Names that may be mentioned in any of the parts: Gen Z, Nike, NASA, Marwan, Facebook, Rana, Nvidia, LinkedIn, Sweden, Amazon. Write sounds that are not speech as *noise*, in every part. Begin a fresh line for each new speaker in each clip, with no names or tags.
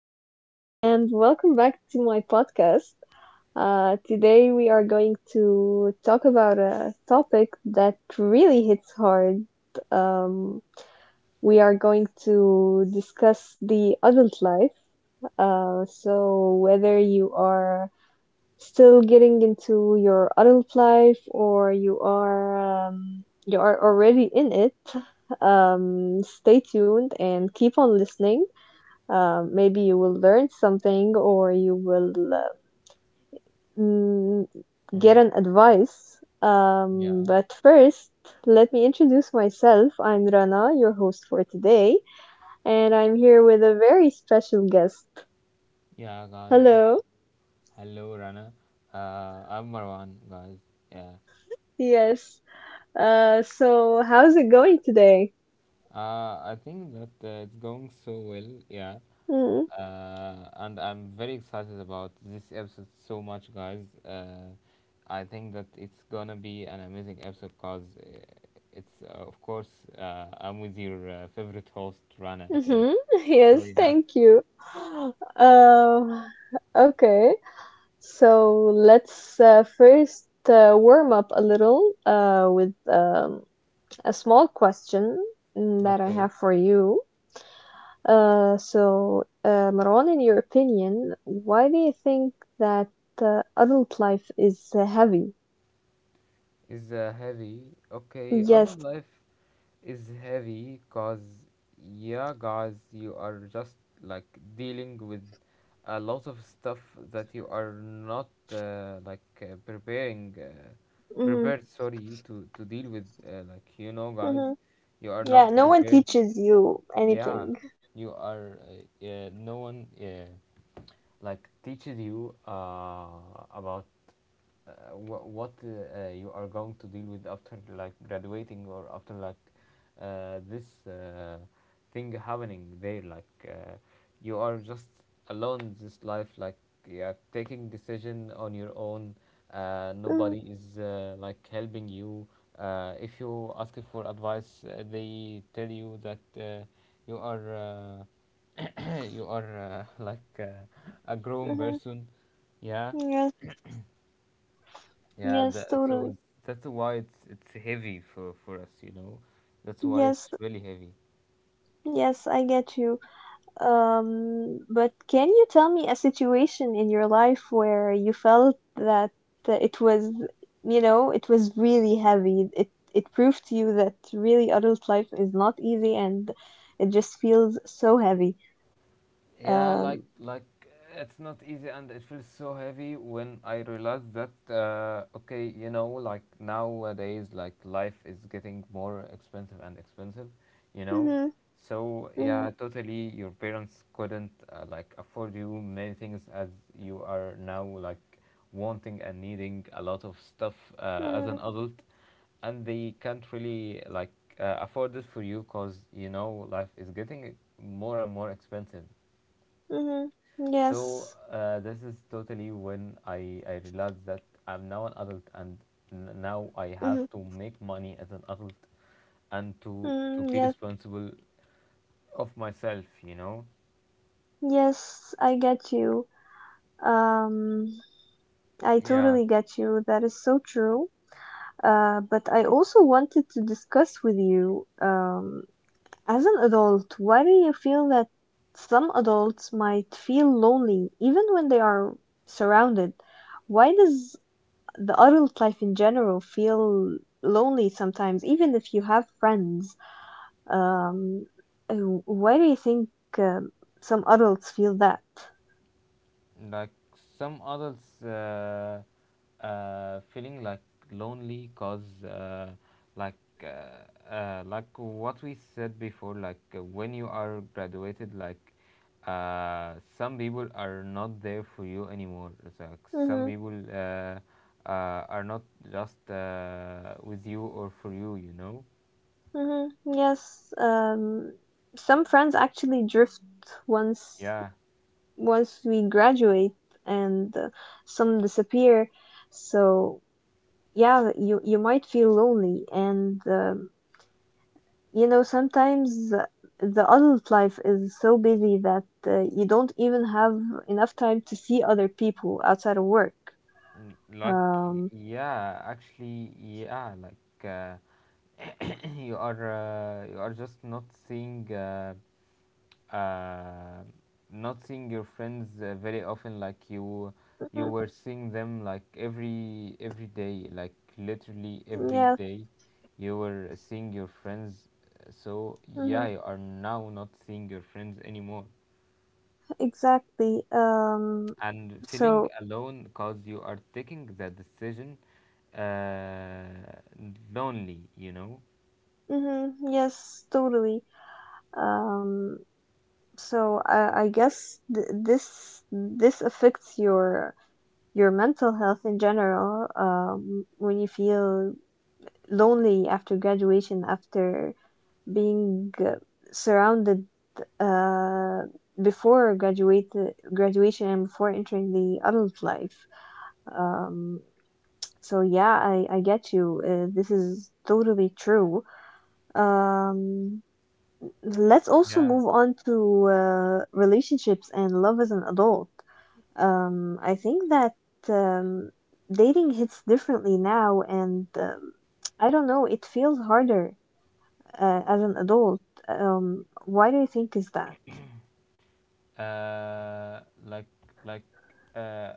everyone, and welcome back to my podcast. Today, we are going to talk about a topic that really hits hard. Um, we are going to discuss the adult life. So whether you are still getting into your adult life or you are already in it, stay tuned and keep on listening, maybe you will learn something or you will mm, get
Uh,
an advice.
yeah,
But first, let me introduce myself. I'm Rana, your host for today, and I'm here with a very special guest.
yeah, guys.
Hello.
Hello, Rana. I'm Marwan, guys. Yeah.
Yes. So how's it going today?
I think that it's going so well. Yeah.
Mm-hmm.
And I'm very excited about this episode so much, guys. I think that it's gonna be an amazing episode because of course, I'm with your favorite host, Rana. Yeah.
*laughs*
So,
Yes,
yeah.
thank you. Uh, okay. So let's first warm up a little with a small question that I
Okay,
have for you. So, Marwan, in your opinion, why do you think that adult life is heavy?
is heavy. Okay, other
Yes.
life. Is heavy cause yeah guys, you are just, like, dealing with a lot of stuff that you are not like preparing
hmm
prepared, sorry, to deal with, like, you know, guys,
hmm
you are
Yeah,
not
no one
prepared.
teaches you
Yeah,
anything.
you are, no one, yeah, like, teaches you about what you are going to deal with after like graduating or after like this thing happening there, like, you are just alone in this life, like, you are taking decision on your own.
Hmm
Nobody is, like, helping you. If you ask for advice, they tell you that you are, *clears throat* you are, a grown
hmm
person. Yeah.
Yes,
Yeah,
yes,
that,
totally.
so that's why it's heavy for us, you know. That's why
Yes,
it's really heavy.
yes, I get you. But can you tell me a situation in your life where you felt that it was, you know, it was really heavy? It proved to you that really adult life is not easy and it just feels so heavy.
Yeah,
Um,
like it's not easy and it feels so heavy when I realize that, okay, you know, like nowadays, like, life is getting more expensive and expensive, you know.
hmm
So
hmm
yeah, totally your parents couldn't, like, afford you many things as you are now, like, wanting and needing a lot of stuff as an
hmm
adult, and they can't really, like, afford it for you because, you know, life is getting more and more expensive.
hmm
So
Yes.
this is totally when I realized that I'm now an adult and now I
hmm
have to make money as an adult and to
mm
to be
Yes.
responsible of myself, you know.
Yes, I get you. Um, I
Yeah.
totally get you. That is so true. But I also wanted to discuss with you, as an adult, why do you feel that some adults might feel lonely even when they are surrounded? Why does the adult life in general feel lonely sometimes, even if you have friends? Um, why do you think um, some adults feel that?
Like some others feeling like lonely cause, like like what we said before, like, when you are graduated, like, some people are not there for you anymore. It's like some
Mm-hmm,
people, are not just with you or for you, you know.
mm-hmm, yes, some friends actually drift once
Yeah.
once we graduate, and some disappear, so yeah, you might feel lonely, and you know, sometimes the adult life is so busy that you don't even have enough time to see other people outside of work.
Like,
Um
yeah, actually, yeah, like, *coughs* you are, you are just not seeing, uh, not seeing your friends very often, like, you
mhm,
were seeing them like every day, like literally every
yeah,
day you were seeing your friends. So yeah,
mhm,
you are now not seeing your friends anymore
exactly.
and feeling
So
alone cause you are taking the decision, uh, lonely, you know.
mhm, yes, totally. Um So I guess th this this affects your mental health in general, when you feel lonely after graduation, after being surrounded uh, before graduate graduation and before entering the adult life. Um, so yeah, I get you. This is totally true. Um, let's also
Yeah.
move on to relationships and love as an adult. I think that um, dating hits differently now, and I don't know, it feels harder as an adult. Why do you think is that?
Uh, like like uh,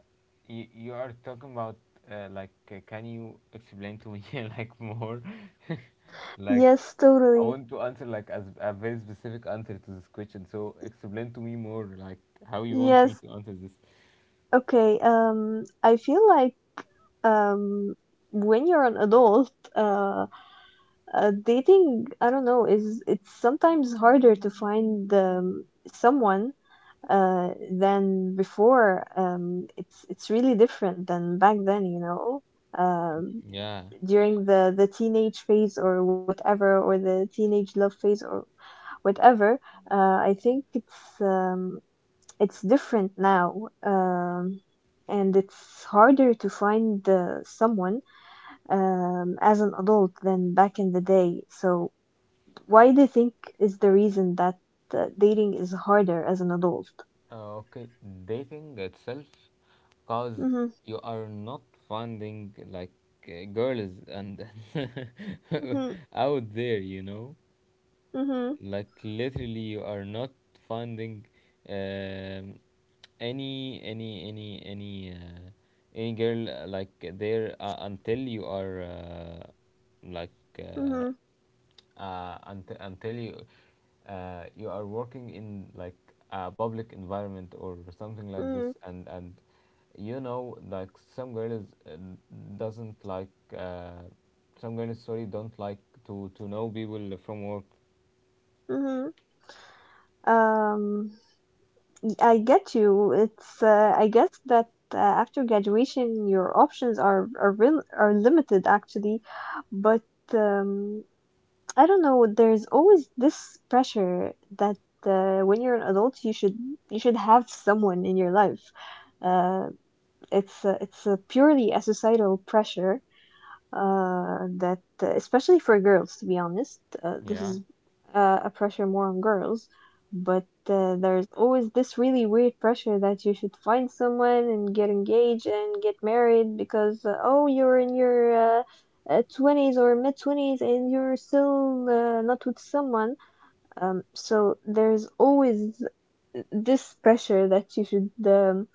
you, you are talking about, can you explain to me *laughs* like more? *laughs* Like,
Yes,
I
totally.
want to answer like as a very specific answer to this question. So explain to me more, like, how you want me
Yes.
to answer this.
Okay. I feel like um, when you're an adult, dating, I don't know, is it's sometimes harder to find someone than before. It's really different than back then, you know. Um,
Yeah.
During the teenage phase or whatever, or the teenage love phase or whatever, I think it's different now. And it's harder to find someone as an adult than back in the day. So why do you think is the reason that dating is harder as an adult?
Okay. Dating itself, cause
Hmm
you are not finding like, girls and
hmm
*laughs* out there, you know.
hmm
Like, literally you are not finding, um, any any any any uh, any girl, like there, until you are, like
Mhm,
until you, you are working in, like, a public environment or something like
mhm,
this, and you know, like, some girls doesn't like uh, some girls, sorry, don't like to know people from work.
mhm. Um, I get you. It's I guess that after graduation, your options are real are limited actually, but um, I don't know. There's always this pressure that when you're an adult, you should have someone in your life. Uh, it's a purely a societal pressure that especially for girls, to be honest, this
Yeah,
is a pressure more on girls, but there's always this really weird pressure that you should find someone and get engaged and get married because oh, you're in your 20s or mid 20s and you're still not with someone, so there's always this pressure that you should um,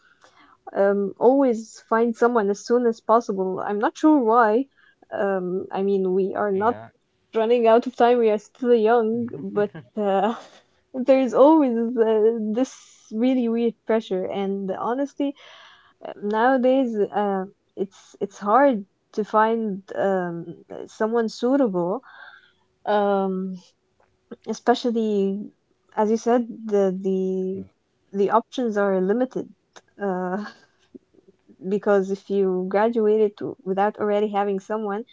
um, always find someone as soon as possible. I'm not sure why. I mean, we are not
yeah.
running out of time. We are still young, but *laughs* there's always this really weird pressure. And honestly, nowadays, it's hard to find someone suitable, um, especially as you said, the options are limited. Uh, because if you graduated to, without already having someone,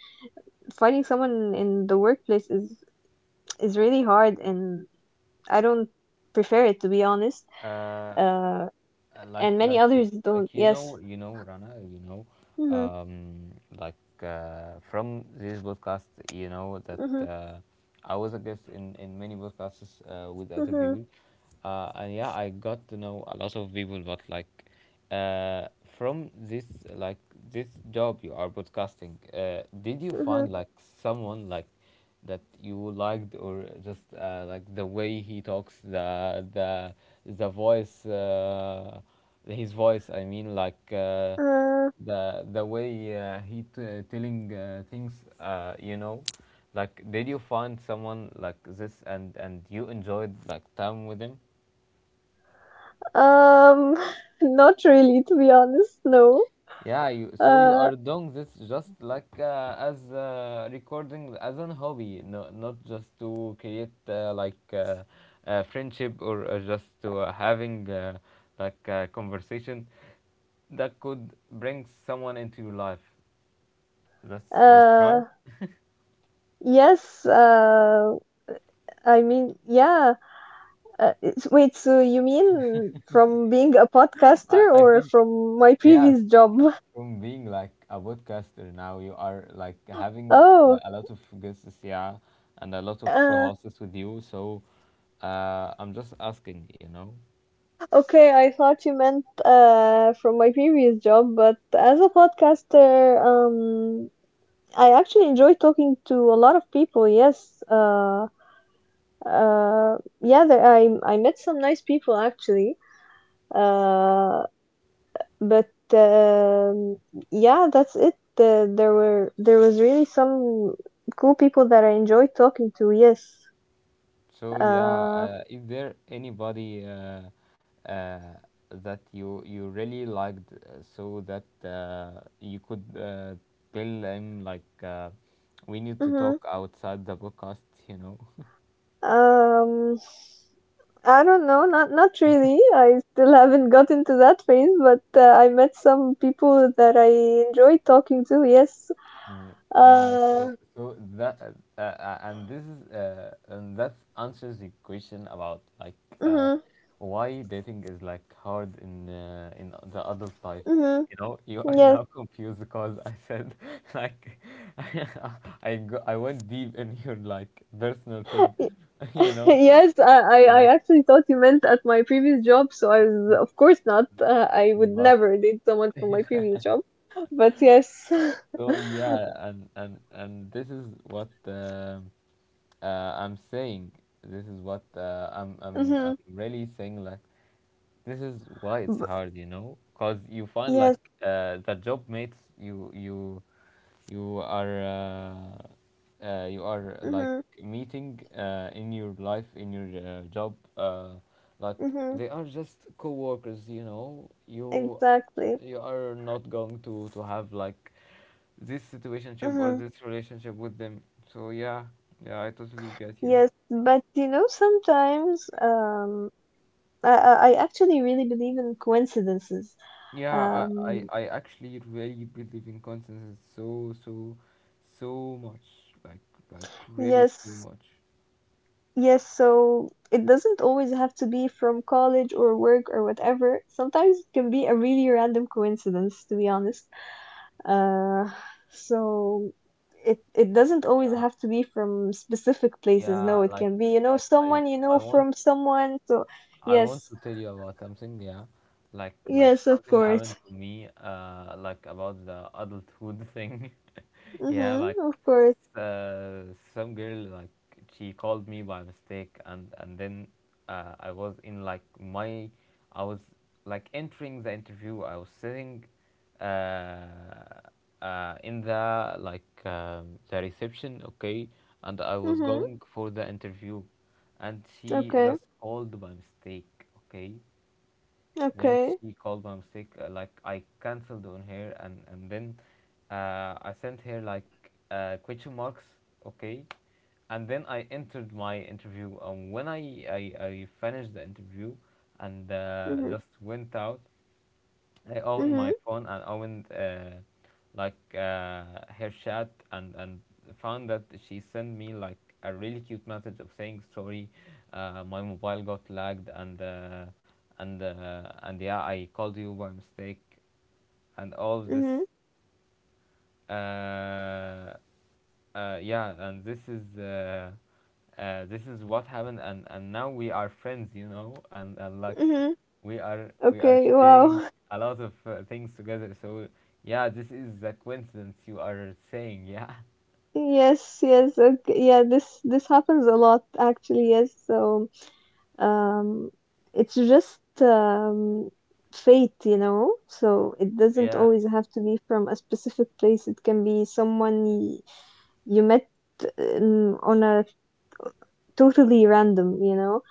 finding someone in the workplace is really hard, and I don't prefer it, to be honest.
Uh,
Uh
uh, like,
and many
like, y-
others don't,
like,
yes.
you know, Rana, you know,
hmm
um, like, from this podcast, you know
hmm
that uh, I was a guest in many podcasts with other
hmm
people, and yeah, I got to know a lot of people, but like. uh, from this, like, this job you are broadcasting, did you
hmm
find, like, someone like that you liked or just, like the way he talks, the voice, his voice, I mean, like, uh,
uh,
the the way telling things, you know, like, did you find someone like this and you enjoyed like time with him?
um *laughs* Not really, to be honest, no.
Yeah, you, so you
uh
are doing this just like, as recording as an hobby, no, not just to create, a friendship or, just to, having, like, a conversation that could bring someone into your life. That's right.
uh yes uh I mean, yeah. Wait, so you mean from being a podcaster
I
or
think,
from my
yeah,
previous job? *laughs*
from being like a podcaster, now you are like having
Oh,
a lot of guests, yeah, and a lot of
uh,
co-hosts with you. So I'm just asking, you know.
okay, I thought you meant from my previous job, but as a podcaster, I actually enjoy talking to a lot of people. Yes, yeah, there, I met some nice people actually. Uh, But yeah, that's it. There were there was really some cool people that I enjoyed talking to. Yes.
So yeah,
Uh,
is there anybody, uh, that you really liked, so that you could, tell them like, we need to
mhm.
talk outside the podcast, you know.
Um, I don't know, not not really. I still haven't got into that phase, but I met some people that I enjoyed talking to. Yes.
Mm, yeah. So
Uh,
so that, and this is, and that answers the question about like uh,
mhm.
why dating is like hard in, in the adult life.
Mhm.
You know, you are
Yes.
now *laughs* confused because I said *laughs* like *laughs* I go, I went deep in your like personal thing, *laughs* you
*laughs*
know,
Yes,
like
I actually thought you meant at my previous job, so I was, of course not. I would
but
never date someone from my previous job. But yes. *laughs*
so yeah, and this is what. I'm saying, this is what, I'm, I'm
Mm-hmm.
really saying, like, this is why it's hard, you know, because you find
Yes.
like, the job mates, you you are, you are like
Mm-hmm.
meeting, in your life in your job, like,
Mm-hmm.
they are just co-workers, you know. you
Exactly.
you are not going to have like this situationship or
Mm-hmm.
this relationship with them. So yeah. Yeah, I totally get you.
Yes, but you know, sometimes I actually really believe in coincidences.
Yeah, I, I,
Um
I actually really believe in consensus, so so much. Like really so
yes,
much.
yes, so it doesn't always have to be from college or work or whatever. Sometimes it can be a really random coincidence, to be honest. Uh, so it doesn't always
Yeah,
have to be from specific places.
yeah,
No, it
like
can be, you know,
like
someone you know
I want
from someone. So
I want
yes,
to tell you about something, yeah. Like
yes, of
something happened
course.
to me, uh, like, about the adulthood thing. *laughs* Yeah,
Mm-hmm,
like,
of course.
uh, some girl, like, she called me by mistake, and then, I was in like my, I was like entering the interview, I was sitting uh in the like, the reception, okay, and I was
Mm-hmm.
going for the interview, and she
Okay.
just called by mistake, okay. When
Okay.
she called by mistake, like, I cancelled on her, and then, I sent her like, question marks, okay, and then I entered my interview. And when I finished the interview, and
Mm-hmm.
just went out, I own
Mm-hmm.
my phone and owned, her chat, and found that she sent me like a really cute message of saying sorry, my mobile got lagged, and yeah, I called you by mistake, and all of this.
Mm-hmm.
uh, yeah, and this is, this is what happened, and now we are friends, you know, and like
Mm-hmm.
we are
Okay.
sharing
Wow.
a lot of things together. So yeah, this is the coincidence you are saying. Yeah.
Yes, yes, okay. Yeah, this happens a lot actually, yes. So, um it's just fate, you know. So it doesn't
*laughs* Yeah,
always have to be from a specific place. It can be someone you, you met on a totally random, you know.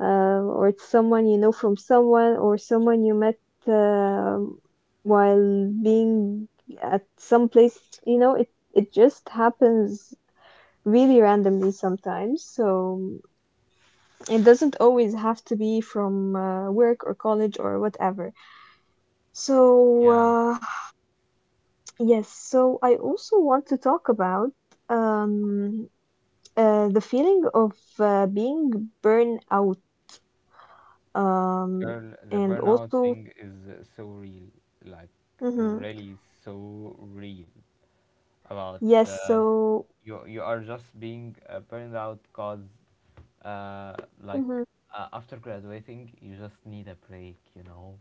Or it's someone you know from someone or someone you met um while being at some place, you know. It just happens really randomly sometimes. So it doesn't always have to be from work or college or whatever. So
yeah,
uh, yes, so I also want to talk about um, the feeling of being burned out, um,
girl, the
and
burnout
also
thing is so real. Like,
hmm
really so real. About
yes, so
you, you are just being, burned out because, uh, like,
hmm
after graduating you just need a break, you know.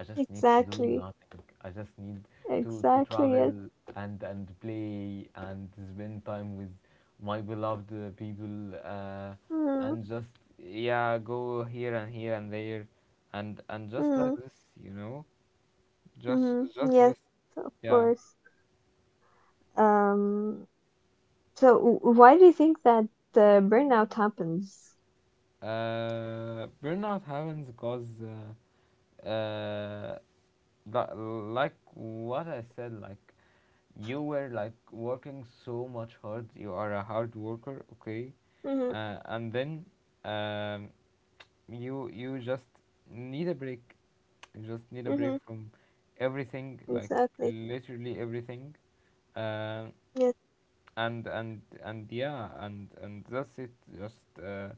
I just need to do
exactly,
nothing, I just need to
exactly,
travel,
yes,
and play, and spend time with my beloved people,
mm-hmm,
and just, yeah, go here and here and there, and just like
mm-hmm,
this, you know. just
mm-hmm,
just
yes,
this.
of
Yeah.
course. Um, So why do you think that the burnout happens?
Burnout happens because, uh, li- like what I said, like, you were like working so much hard. You are a hard worker, okay,
Mhm.
and then, um, you, you just need a break. You just need a break
Mhm.
from everything, like
Exactly.
literally everything, uh,
Yes.
and yeah, and that's it. Just,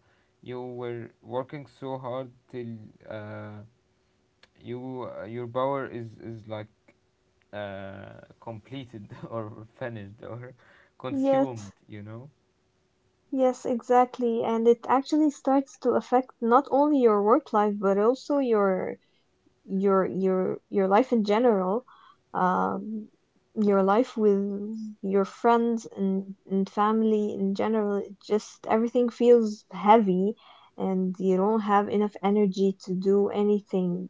you were working so hard till. Uh, you, your power is like, completed, *laughs* or finished, or *laughs* consumed,
Yes.
you know.
Yes, exactly. And it actually starts to affect not only your work life but also your your life in general, um, your life with your friends and family in general, it just everything feels heavy and you don't have enough energy to do anything,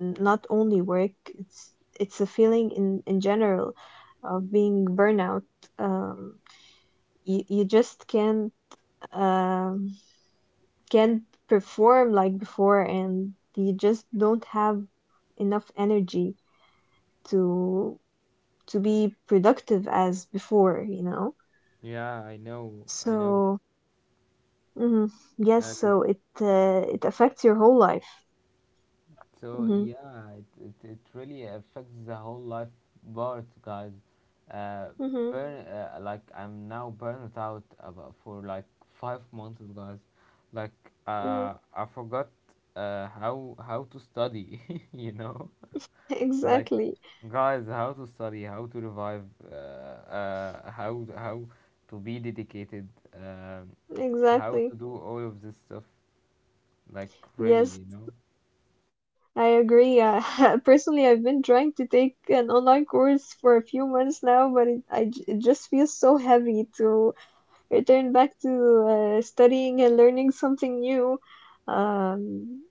not only work. It's a feeling in general of being burnout. Um, you, you just um, can't perform like before and you just don't have enough energy to to be productive as before, you know.
Yeah, I know, I
So
know.
mhm, yes,
I
so
r-
it it affects your whole life.
so
Hmm
yeah, it really affects the whole life part, guys. Uh
hmm
burn Like, I'm now burnt out about for like 5 months, guys. Like,
hmm
uh I forgot uh how how to study. *laughs* You know,
*laughs*
like,
Exactly,
guys, how to study, how to revive, how to be dedicated, um how to
exactly,
do all of this stuff. Like, really,
yes,
you know.
I agree. *laughs* Personally, I've been trying to take an online course for a few months now, but it just feels so heavy to return back to studying and learning something new. um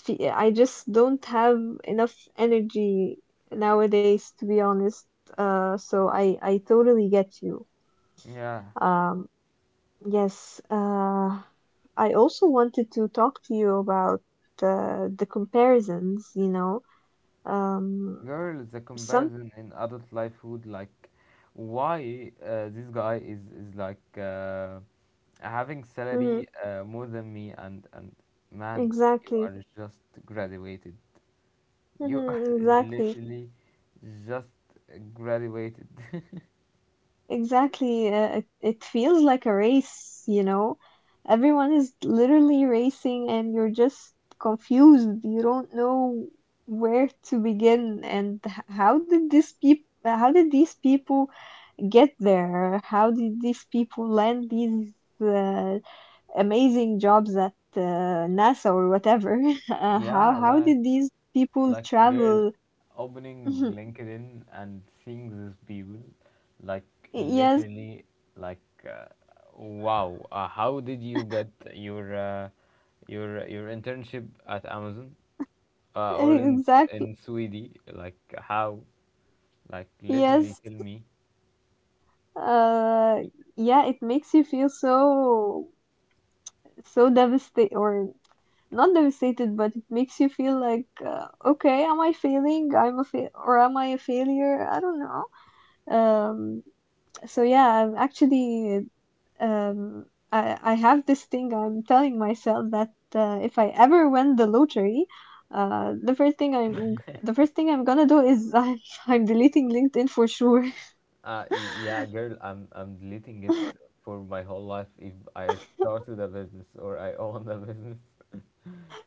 I just don't have enough energy nowadays, to be honest. So I totally get you.
Yeah,
Um, yes. I also wanted to talk to you about the comparisons. You know, um,
girl, the
some
comparison in adult life would like why this guy is like, having
mhm,
salary more than me, and, man, you
exactly,
are just graduated. You are
mhm,
*laughs*
exactly.
literally just graduated.
Exactly. It feels like a race, you know? Everyone is literally racing and you're just confused. You don't know where to begin, and how did these people how did these people get there? How did these people land these uh, amazing jobs at NASA or whatever? *laughs* How
Yeah,
how
like
did these people
like girl,
travel? *laughs*
opening LinkedIn and seeing these people, like,
Yes,
literally, like, uh, wow, how did you get your, your internship at Amazon, or in
exactly.
in Sweden? Like how? Like literally,
Yes,
tell me.
Uh, yeah, it makes you feel so so devastated or not devastated, but it makes you feel like okay, am I failing? I'm a fail or am I a failure? I don't know. Um, so yeah, I'm actually um I have this thing I'm telling myself that if I ever win the lottery, the first thing I'm the first thing I'm gonna do is *laughs* I'm deleting LinkedIn for sure. *laughs*
Yeah, girl, I'm deleting it for my whole life if I started a business or I own a business.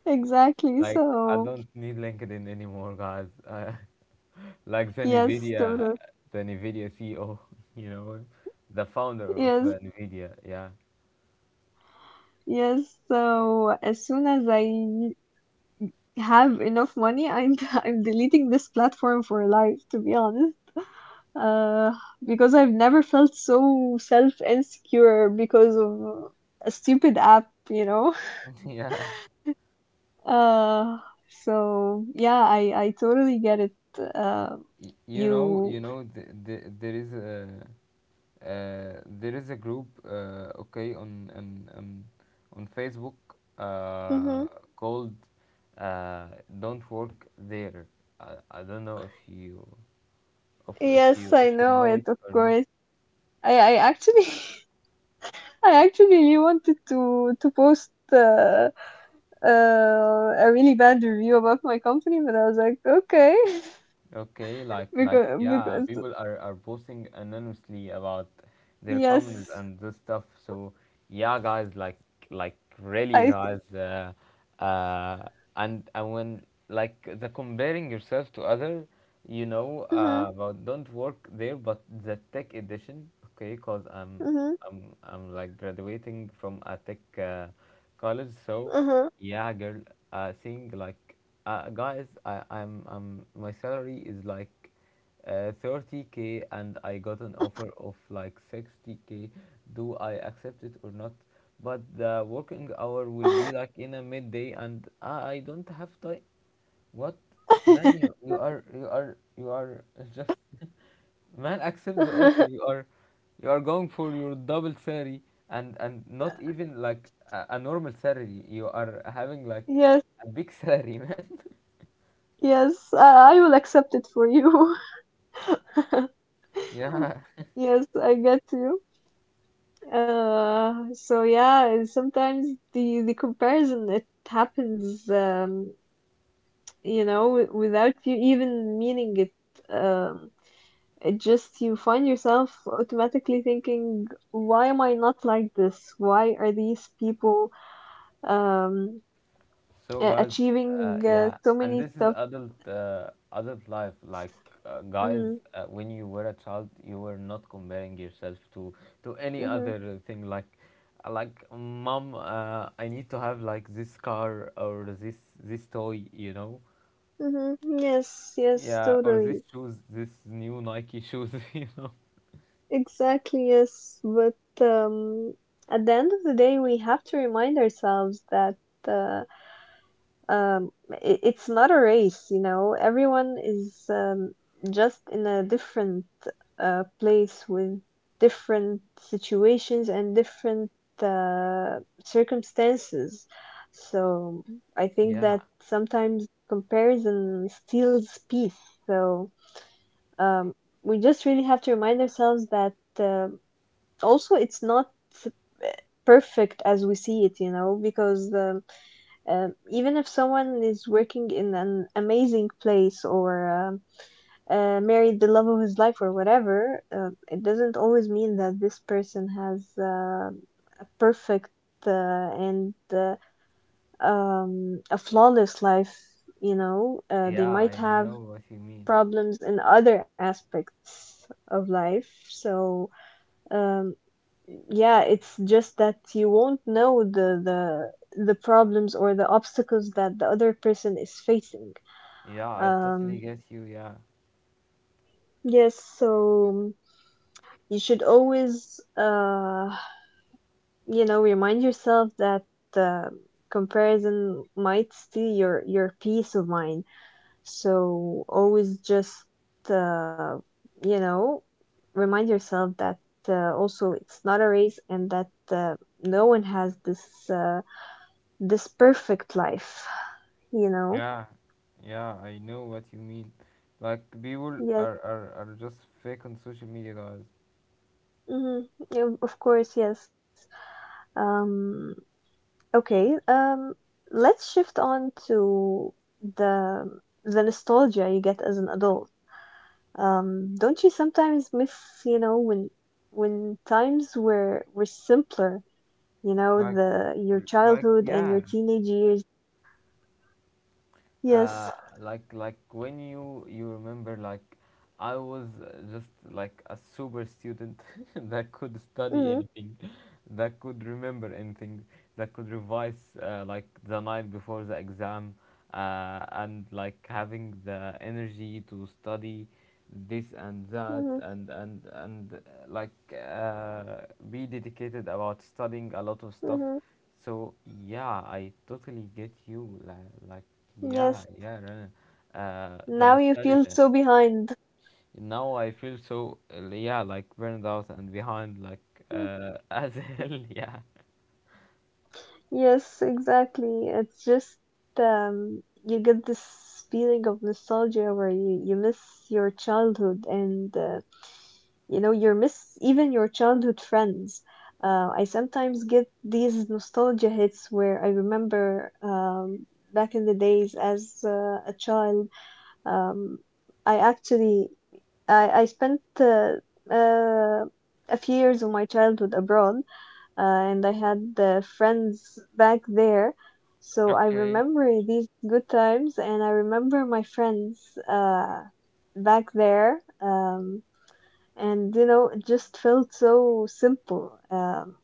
Exactly.
Like I
So
don't need LinkedIn anymore, guys. *laughs* Like the
yes,
Nvidia,
totally.
the Nvidia CEO, *laughs* you know, the founder of
Yes,
Nvidia. Yeah,
yes, so as soon as I have enough money, I'm *laughs* I'm deleting this platform for life, to be honest. Uh, because I've never felt so self insecure because of a stupid app, you know. *laughs*
*laughs* yeah.
Uh, so yeah, I totally get it. Uh,
Y-
you.
you know, th- th- there is a group, okay, on Facebook uh,
Hmm.
called uh, "Don't Work There." I don't know if you if, if
Yes,
you if
I
you
know
know it
it, of
or not.
course. I actually *laughs* I actually really wanted to post. A really bad review about my company, but I was like, okay,
Okay,
*laughs*
like
because
yeah,
because
people are posting anonymously about their comments
yes,
and this stuff. So yeah, guys, like really,
I,
guys, uh, and when like the comparing yourself to other, you know,
mm-hmm,
about don't work there, but the tech edition, okay, cause I'm
mm-hmm,
I'm I'm like graduating from a tech college, so
mm-hmm.
yeah, girl, seeing like, guys, I'm my salary is like 30K and I got an offer of like 60K. Do I accept it or not? But the working hour will be like in a midday, and I don't have time. What, man? You are *laughs* just man. Accept the offer. You are going for your double salary, and not even like a normal salary. You are having
*laughs*
like
Yes,
a big salary, *laughs* man.
yes, I will accept it for you. *laughs*
Yeah,
Yes, I get you. So yeah, and sometimes the comparison it happens, you know, without you even meaning it. Um, It just you find yourself automatically thinking, why am I not like this? Why are these people um
so guys,
achieving
yeah,
so
and
many
this is
stuff?
adult life. Like guys,
Hmm.
when you were a child, you were not comparing yourself to any
Hmm.
other thing. Like mom, I need to have like this car or this toy, you know.
Hmm. Yes, yes,
Yeah, or this
totally.
shoes, this new Nike shoes, *laughs* you know.
Exactly, yes. But at the end of the day, we have to remind ourselves that uh, I it's not a race, you know. Everyone is just in a different place with different situations and different uh, circumstances. So I think
Yeah,
that sometimes comparison steals peace. So um, we just really have to remind ourselves that also it's not uh, perfect as we see it, you know, because even if someone is working in an amazing place or married the love of his life or whatever, it doesn't always mean that this person has a perfect uh, and a flawless life. You know, they
yeah,
might
I
have
know what you mean.
problems in other aspects of life. So um, yeah, it's just that you won't know the problems or the obstacles that the other person is facing.
Yeah, I totally
um
get you. Yeah.
yes, so you should always you know, remind yourself that uh, comparison might steal your peace of mind, so always just uh you know, remind yourself that also it's not a race and that no one has this perfect life, you know?
Yeah, yeah, I know what you mean. Like people
Yes.
are just fake on social media, guys.
Mm-hmm. Yeah, of course, yes. Um, okay. Let's shift on to the the nostalgia you get as an adult. Don't you sometimes miss, you know, when times were simpler, you know,
Like
the your
w- like
childhood and your
yeah,
teenage years? Yes.
uh, like when you remember like I was just like a super student *laughs* that could study
Mm-hmm.
anything, that could remember anything, that could revise like the night before the exam, and like having the energy to study this and that
Mm-hmm.
and like be dedicated about studying a lot of stuff
Mm-hmm.
so yeah, I totally get you. Like yeah,
Yes.
yeah, Rana. The
Now you feel
nostalgia.
so behind.
Now I feel so yeah, like burned out and behind, like
Hmm.
*laughs* as hell. Yeah,
Yes, exactly. It's just you get this feeling of nostalgia where you miss your childhood and you know, you miss even your childhood friends. I sometimes get these nostalgia hits where I remember back in the days as a child. Um, I actually I spent uh, a few years of my childhood abroad uh, and I had the friends back there. So I
okay.
remember these good times, and I remember my friends back there. And you know, it just felt so simple.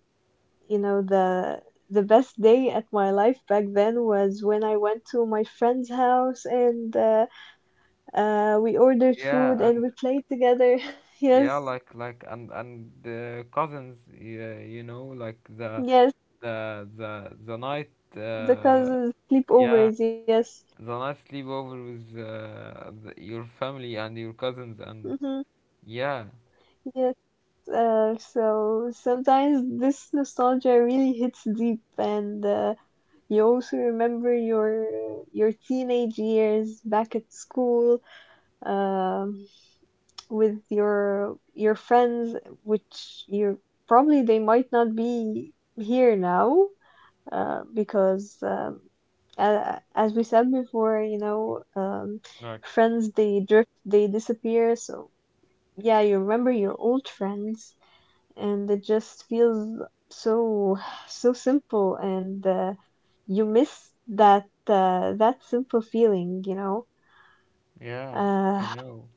You know, the best day at my life back then was when I went to my friend's house and we ordered food
Yeah,
and
and
we played together. *laughs*
yeah,
Yes,
like and the cousins, yeah, you know, like the
yes,
the the the night,
the
uh,
cousins
yeah,
sleepovers. Yes,
the night sleepover with the, your family and your cousins, and
mm-hmm.
yeah.
Yes. So sometimes this nostalgia really hits deep, and you also remember your teenage years back at school, um, with your friends, which you probably they might not be here now because as we said before, you know, friends they drift, they disappear. So yeah, you remember your old friends and it just feels so so simple and you miss that that simple feeling, you know.
Yeah, I
uh,
know.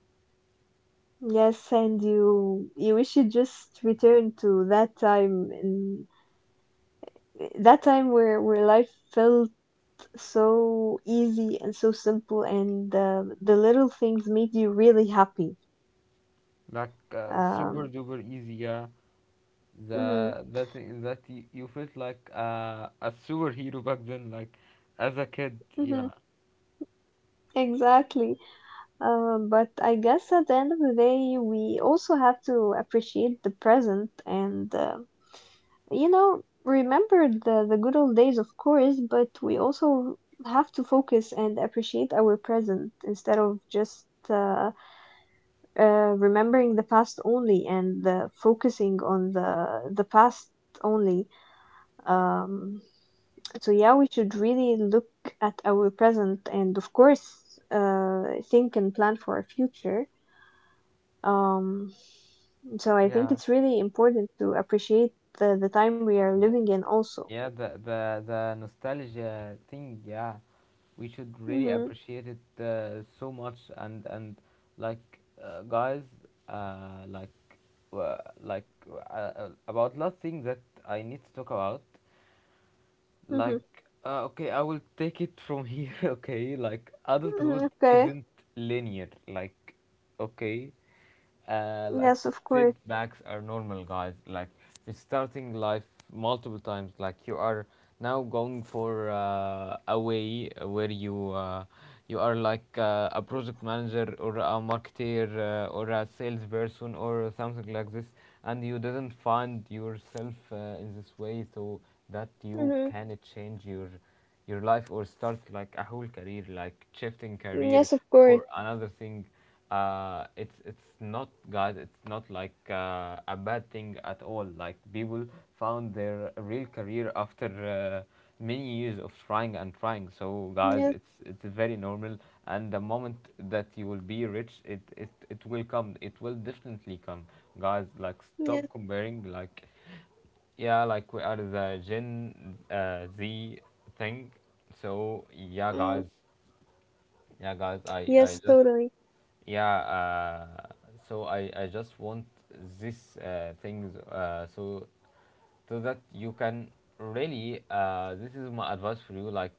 yes, and you wish you just return to that time and that time where life felt so easy and so simple and the little things made you really happy.
Like super
um
duper easy, yeah.
mhm.
The that that y- you felt like a superhero back then, like as a kid,
Mhm.
yeah,
Exactly. But I guess at the end of the day, we also have to appreciate the present and, you know, remember the good old days, of course, but we also have to focus and appreciate our present instead of just uh, remembering the past only and focusing on the past only. Um, so yeah, we should really look at our present and, of course, uh, think and plan for our future. Um, So I think
yeah,
it's really important to appreciate the time we are
the,
living in also.
yeah. The nostalgia thing, yeah. We should really
Mm-hmm.
appreciate it so much, and like guys, uh, like like about last thing that I need to talk about.
Mm-hmm.
Like, okay, I will take it from here, *laughs* okay? Like,
Mm-hmm.
adulthood
Okay.
isn't linear. Like, okay, like
Yes, of course.
setbacks are normal, guys. Like, restarting life multiple times. Like, you are now going for a way where you you are like a project manager or a marketer or a salesperson or something like this and you didn't find yourself in this way so that you
Mm-hmm.
can change your life or start like a whole career like shifting career
Yes, of course.
for another thing, it's not guys it's not like a bad thing at all. Like people found their real career after many years of trying and trying. So guys,
Yes,
it's very normal. And the moment that you will be rich, it will come. It will definitely come, guys. Like
yes.
stop comparing. Like yeah, like we are the Gen Z thing. So yeah,
Mm.
guys, yeah, guys.
Yes, totally.
Yeah, uh, so I just want these things so so that you can really this is my advice for you. Like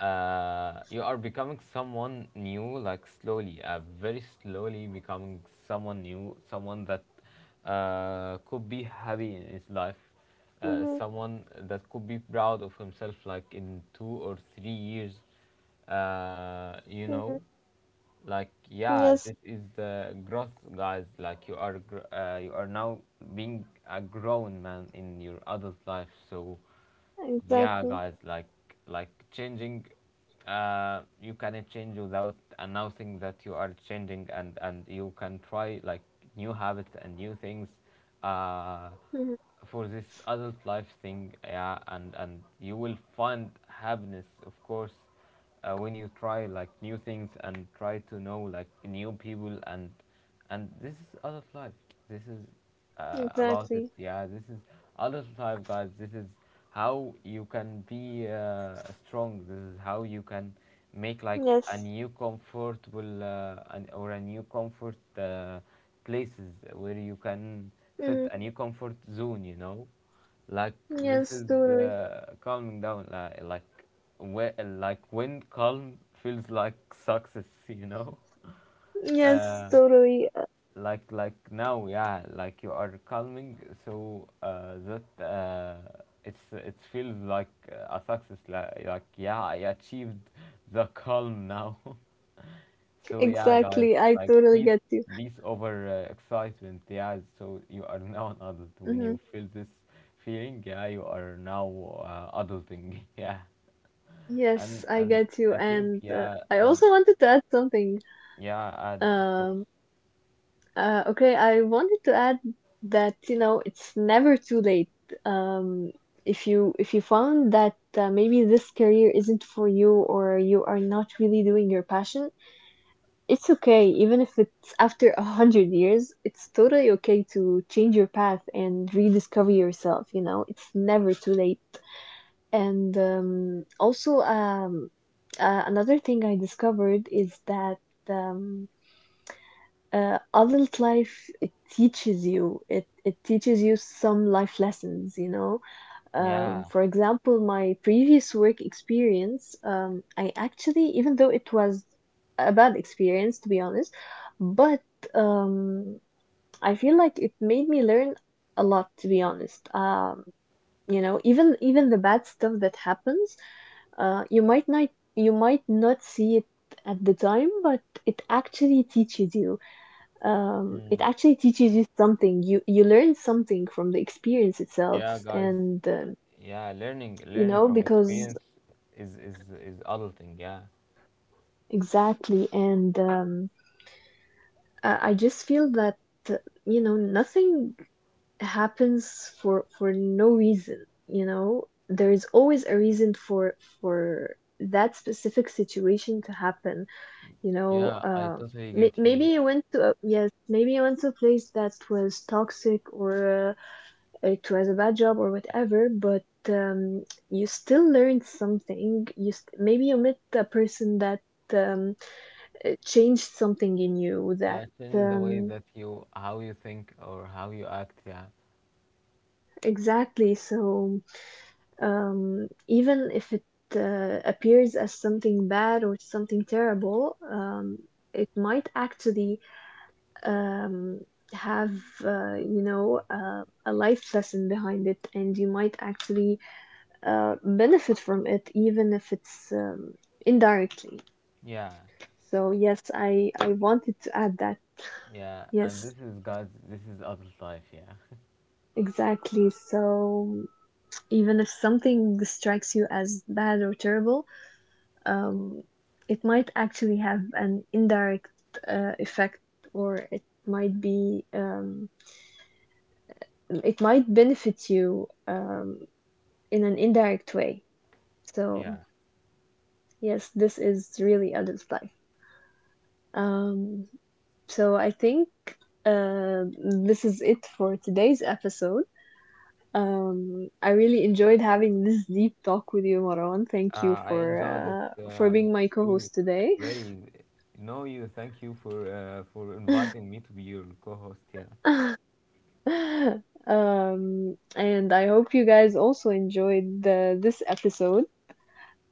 you are becoming someone new, like slowly very slowly becoming someone new, someone that could be happy in his life,
Mm-hmm.
someone that could be proud of himself like in 2 or 3 years, you
Mm-hmm.
know, like yeah,
Yes,
this is the growth, guys. Like you are now being a grown man in your adult life, so yeah
exactly.
guys, like changing, you cannot change without announcing that you are changing, and you can try like new habits and new things uh
Mm-hmm.
for this adult life thing. Yeah, and you will find happiness, of course, when you try like new things and try to know like new people, and this is adult life. This is about it.
Exactly.
Yeah, this is adult life, guys. This is how you can be strong. This is how you can make like a
Yes.
new comfortable or a new comfort places where you can set
Mm-hmm.
a new comfort zone. You know, like this
Yes,
is
totally.
calming down. Like, whe- like when calm feels like success. *laughs* You know.
Yes,
Uh,
totally.
like now, yeah, like you are calming so that it's it feels like a success, like yeah, I achieved the calm now. *laughs* So yeah, guys,
Exactly. I
like
totally
peace,
get you.
peace over excitement. Yeah, so you are now an adult when
Mm-hmm.
you feel this feeling. Yeah, you are now adulting. *laughs* Yeah,
Yes, I
and
get you.
I think,
And
yeah,
I
and
also wanted to add something.
yeah, and of course
Um, okay, I wanted to add that, you know, it's never too late. Um, if you found that maybe this career isn't for you or you are not really doing your passion, it's okay. Even if it's after 100 years, it's totally okay to change your path and rediscover yourself. You know, it's never too late. And also, another thing I discovered is that um, adult life it teaches you, it teaches you some life lessons, you know.
yeah.
For example, my previous work experience, I actually, even though it was a bad experience, to be honest, but um, I feel like it made me learn a lot, to be honest. You know, even even the bad stuff that happens, you might not, you might not see it at the time, but it actually teaches you it
Mm,
actually teaches you something. You learn something from the experience itself,
yeah guys.
and
Yeah, learning,
you
learning
know,
from
because
experience is adulting. Yeah,
exactly. And I just feel that uh, you know, nothing happens for no reason. You know, there is always a reason for that specific situation to happen. You know.
yeah, I totally get you.
Maybe
Yeah,
you went to a, yes, maybe you went to a place that was toxic or it was a bad job or whatever, but you still learned something. Maybe you met a person that um, changed something in you.
yeah,
That
it changes the way
um,
that you how you think or how you act. Yeah,
exactly. So even if it appears as something bad or something terrible, it might actually um, have you know, a life lesson behind it, and you might actually benefit from it, even if it's indirectly.
yeah,
So yes, I wanted to add that.
yeah, and this
Yes,
is God's. This is adult life. Yeah,
exactly. So even if something strikes you as bad or terrible, um, it might actually have an indirect effect, or it might be it might benefit you in an indirect way.
yeah.
So yes, this is really adult life. Um, so I think this is it for today's episode. I really enjoyed having this deep talk with you, Marwan. Thank you
I enjoyed it
for being my
too.
co-host today.
Really, no, you. Thank you for
*laughs*
inviting me to be your co-host. Yeah.
um, and I hope you guys also enjoyed the, this episode.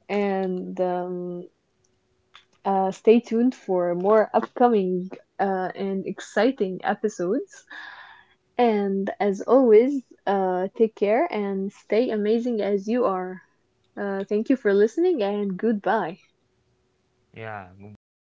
And stay tuned for more upcoming and exciting episodes. And as always, take care and stay amazing as you are. Thank you for listening and goodbye.
Yeah. Goodbye,